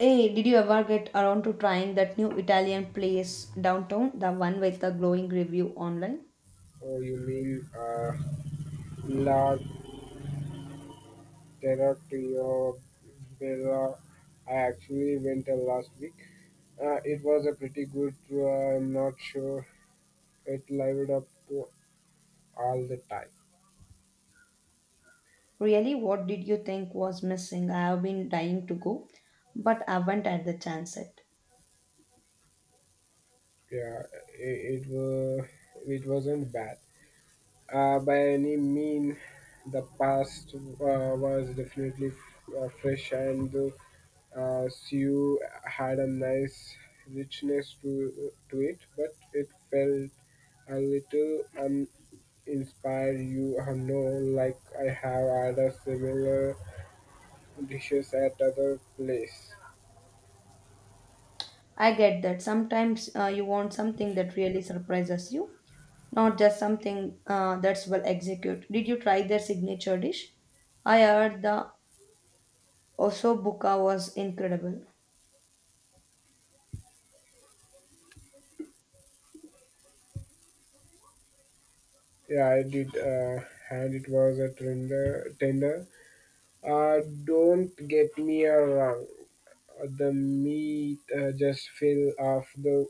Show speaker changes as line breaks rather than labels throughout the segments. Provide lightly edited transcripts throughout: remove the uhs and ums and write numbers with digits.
Hey, did you ever get around to trying that new Italian place downtown, the one with the glowing review online?
Oh, you mean La Terra Trio Bella? I actually went last week. It was a pretty good tour. I'm not sure it lived up to all the time.
Really, what did you think was missing? I have been dying to go, but haven't had the chance yet.
Yeah, it was it wasn't bad by any mean. The past was definitely fresh, and the stew had a nice richness to it, but it felt a little uninspired. Like I have had a similar dishes at other place.
I get that sometimes you want something that really surprises you, not just something that's well executed. Did you try their signature dish? I heard the osobuka was incredible.
Yeah, I did, and it was a tender. Tender. Don't get me wrong. The meat just fell off the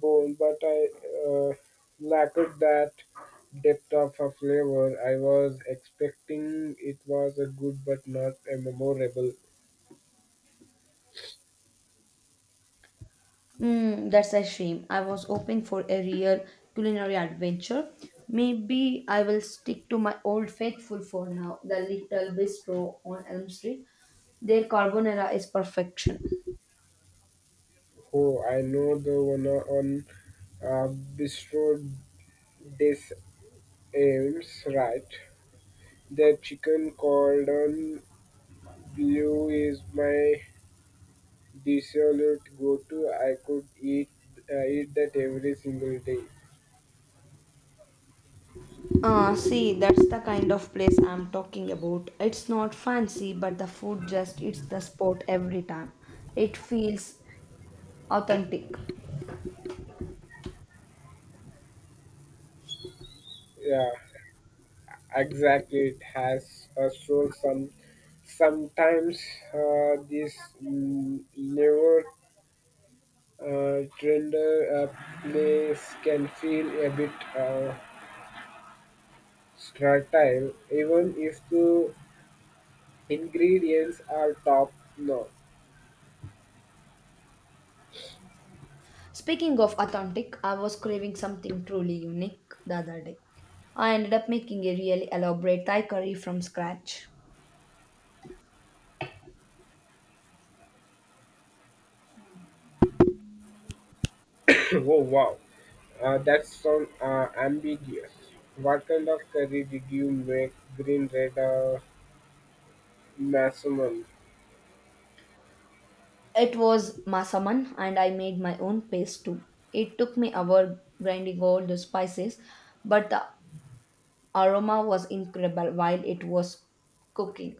bone, but I uh, lacked that depth of a flavor. I was expecting it was a good but not a memorable.
Mm, that's a shame. I was hoping for a real culinary adventure. Maybe I will stick to my old faithful for now, the little bistro on Elm Street. Their carbonara is perfection.
Oh, I know the one on uh, Bistro des Ames, right? The chicken cordon bleu is my dissolute go-to. I could eat eat that every single day.
Ah, see, that's the kind of place I'm talking about. It's not fancy, but the food just hits the spot every time. It feels authentic.
Yeah. Exactly, it has a soul. Sometimes this newer trender place can feel a bit sterile, even if the ingredients are top notch.
Speaking of authentic, I was craving something truly unique the other day. I ended up making a really elaborate Thai curry from scratch.
Oh wow, that sounds ambiguous. What kind of curry did you make? Green, red, maximum?
It was masaman, and I made my own paste too. It took me hour grinding all the spices, but the aroma was incredible while it was cooking.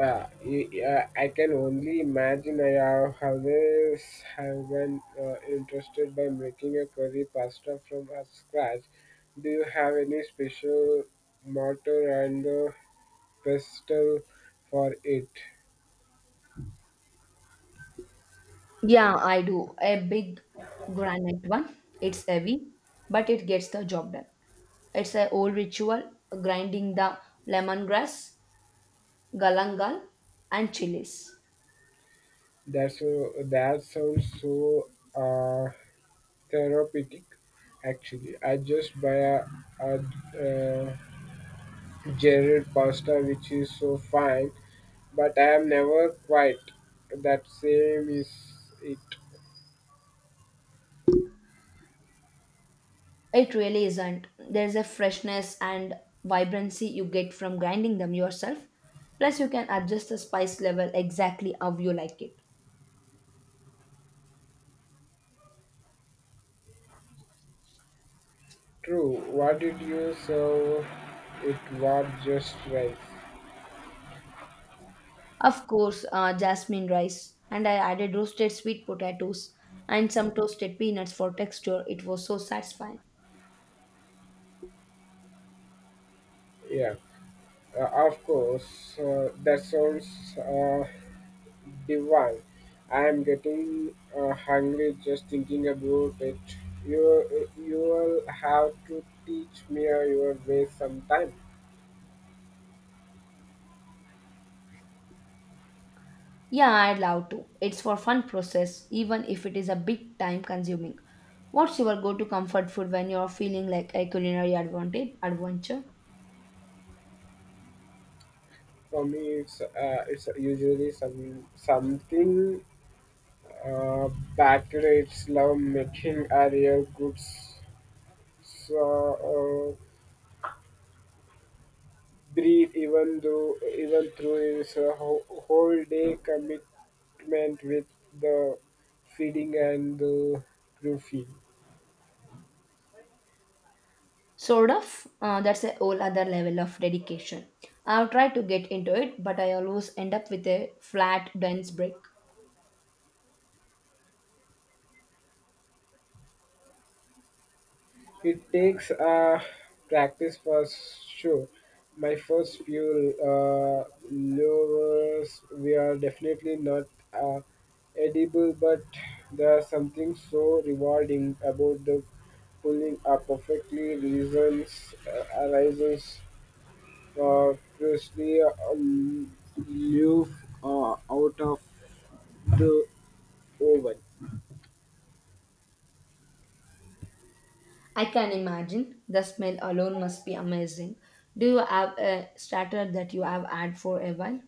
Yeah, I can only imagine. I have always have been interested by making a curry pasta from scratch. Do you have any special mortar and pestle for it?
Yeah, I do. A big granite one. It's heavy, but it gets the job done. It's a old ritual grinding the lemongrass galangal, and chilies.
That sounds so uh, therapeutic. Actually, I just buy a uh, Jared pasta which is so fine but I am never quite that same. Is it
It really isn't. There's a freshness and vibrancy you get from grinding them yourself. Plus, you can adjust the spice level exactly how you like it.
true? What did you serve? It was just rice.
Of course, jasmine rice, and I added roasted sweet potatoes and some toasted peanuts for texture. It was so satisfying.
Yeah, of course. That sounds uh, divine. I am getting hungry just thinking about it. You you will have to teach me your way sometime.
Yeah, I'd love to. It's for fun process, even if it is a bit time consuming. What's your go-to comfort food when you're feeling like a culinary advantage adventure?
For me, it's usually something. Uh, Patriots love making Ariel goods so, breathe even through his whole day commitment with the feeding and the roofing.
Sort of. That's a whole other level of dedication. I've tried to get into it, but I always end up with a flat, dense break.
It takes practice for sure. My first few lures were definitely not uh, edible, but there's something so rewarding about the pulling a perfectly reasons arises uh, freshly lure out of the oven.
I can imagine. The smell alone must be amazing. Do you have a starter that you have had for a while?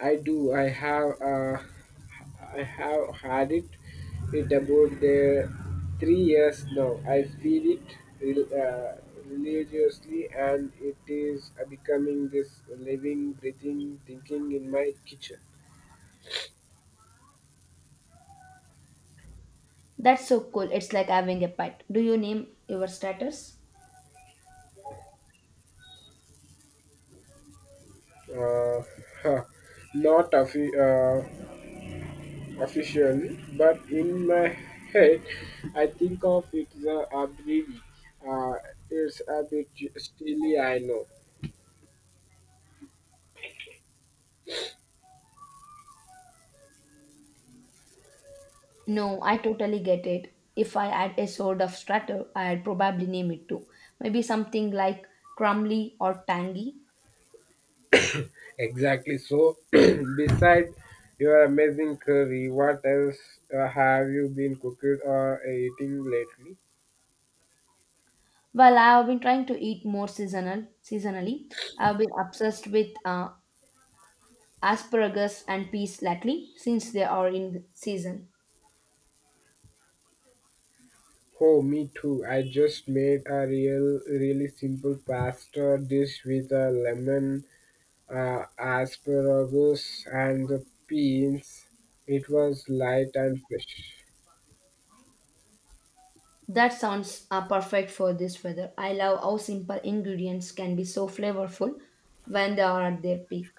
I do. I have. I have had it. It about there, 3 years now. I feel it rel- uh, religiously, and it is becoming this living, breathing, thinking in my kitchen.
That's so cool. It's like having a pet. Do you name your starters?
Uh, huh, not officially, but in my head, I think of it as a baby. Uh, it's a bit steely, I know.
No, I totally get it. If I had a sort of starter, I'd probably name it too. Maybe something like crumbly or tangy.
Exactly. So, beside your amazing curry, what else have you been cooking or eating lately?
Well, I have been trying to eat more seasonal seasonally. I've been obsessed with asparagus and peas lately since they are in season.
Oh, me too. I just made a really simple pasta dish with a lemon, asparagus, and the peas. It was light and fresh.
That sounds perfect for this weather. I love how simple ingredients can be so flavorful when they are at their peak.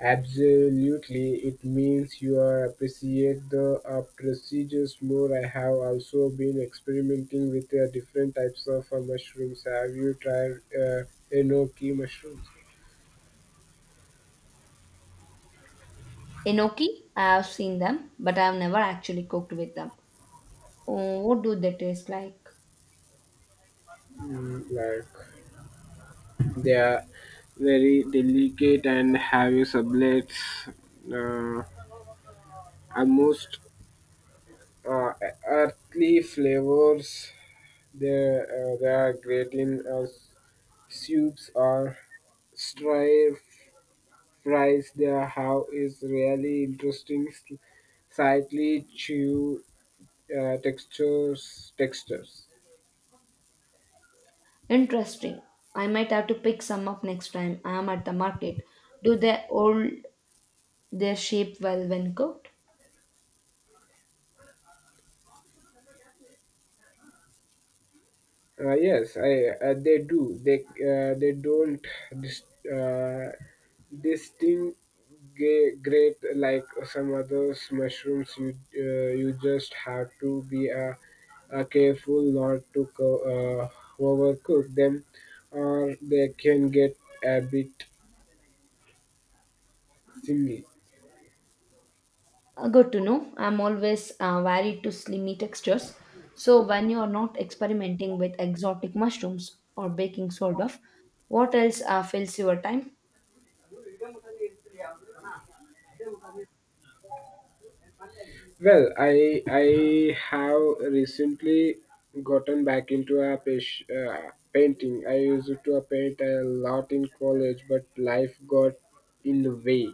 Absolutely, it means you are appreciate the procedures more. I have also been experimenting with different types of mushrooms. Have you tried enoki mushrooms?
Enoki, I have seen them, but I have never actually cooked with them. Oh, what do they taste like?
Mm, like they are very delicate and have a sublets, uh, almost uh, earthly flavors. They are great in soups or stir fries they have is really interesting, slightly chew textures. Textures.
Interesting. I might have to pick some up next time I am at the market. Do they hold their shape well when cooked?
Yes, I they do. They don't dis- uh, distinguish great like some others mushrooms. You just have to be careful not to uh, overcook them, or they can get a bit similar.
Good to know. I'm always varied to slimy textures. So, when you are not experimenting with exotic mushrooms or baking soda, what else fills your time?
Well, I have recently gotten back into a painting. I used to paint a lot in college, but life got in the way.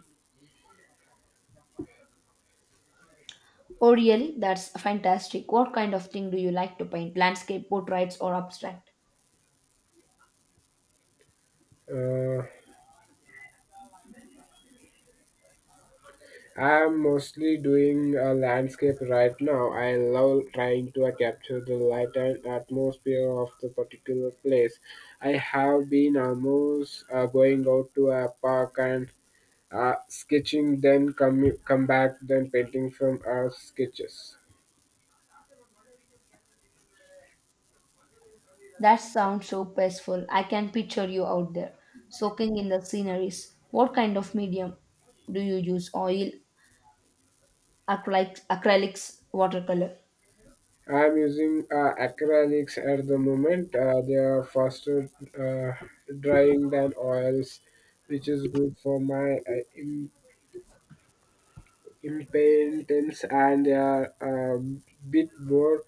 Oh, really? That's fantastic. What kind of thing do you like to paint? Landscape, portraits, or abstract?
Uh, I'm mostly doing a landscape right now. I love trying to capture the light and atmosphere of the particular place. I have been almost going out to a park and sketching, then come back, then painting from sketches.
That sounds so peaceful. I can picture you out there, soaking in the sceneries. What kind of medium do you use? Oil, acrylics, acrylics watercolor?
I'm using acrylics at the moment. They are faster uh, drying than oils, which is good for my impatience, and they are a bit more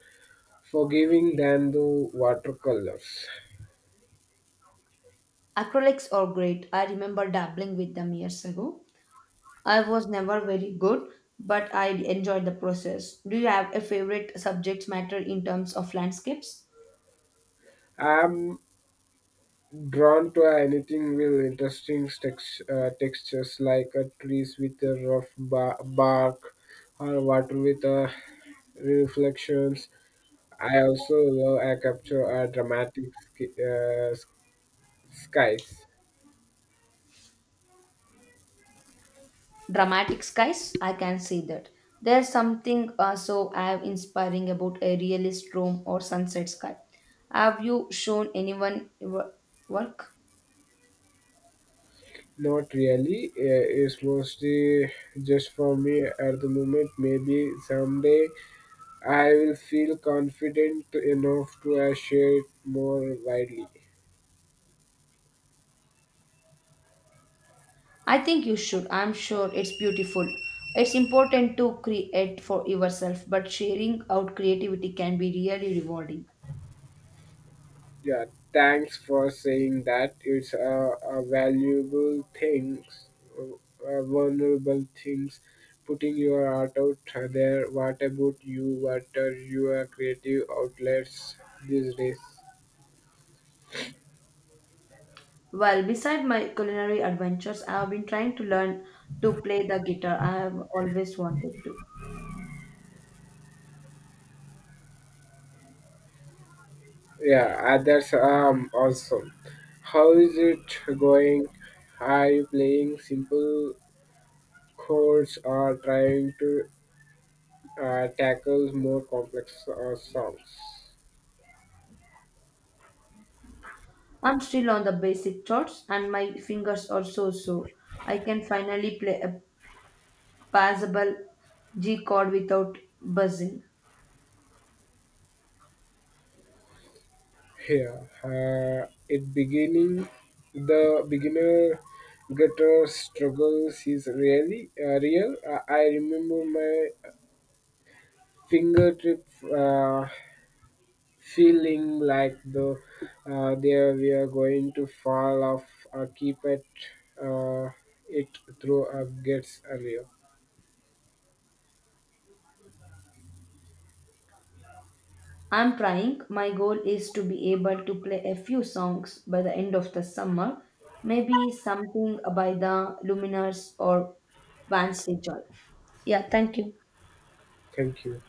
forgiving than the watercolors.
Acrylics are great. I remember dabbling with them years ago. I was never very good, but I enjoyed the process. Do you have a favorite subject matter in terms of landscapes?
I'm drawn to anything with interesting textures like trees with a rough bark or water with reflections. I also love a capture a dramatic skies.
Dramatic skies, I can see that. There's something so awe inspiring about a realist room or sunset sky. Have you shown anyone work?
Not really. It's mostly just for me at the moment. Maybe someday I will feel confident enough to share it more widely.
I think you should. I'm sure it's beautiful. It's important to create for yourself, but sharing out creativity can be really rewarding.
Yeah, thanks for saying that. It's a valuable things, vulnerable things, putting your art out there. What about you? What are your creative outlets these days?
Well, beside my culinary adventures, I have been trying to learn to play the guitar. I have always wanted to.
Yeah, that's awesome. How is it going? Are you playing simple chords or trying to tackle more complex songs?
I'm still on the basic chords, and my fingers are so so. I can finally play a passable G chord without buzzing.
Here, it beginning the beginner guitar struggles is really real. I remember my fingertip feeling like the there we are going to fall off. Keep it uh, it through up gets earlier.
I'm trying. My goal is to be able to play a few songs by the end of the summer, maybe something by the Luminers or Vance Joy. Yeah, thank you.
Thank you.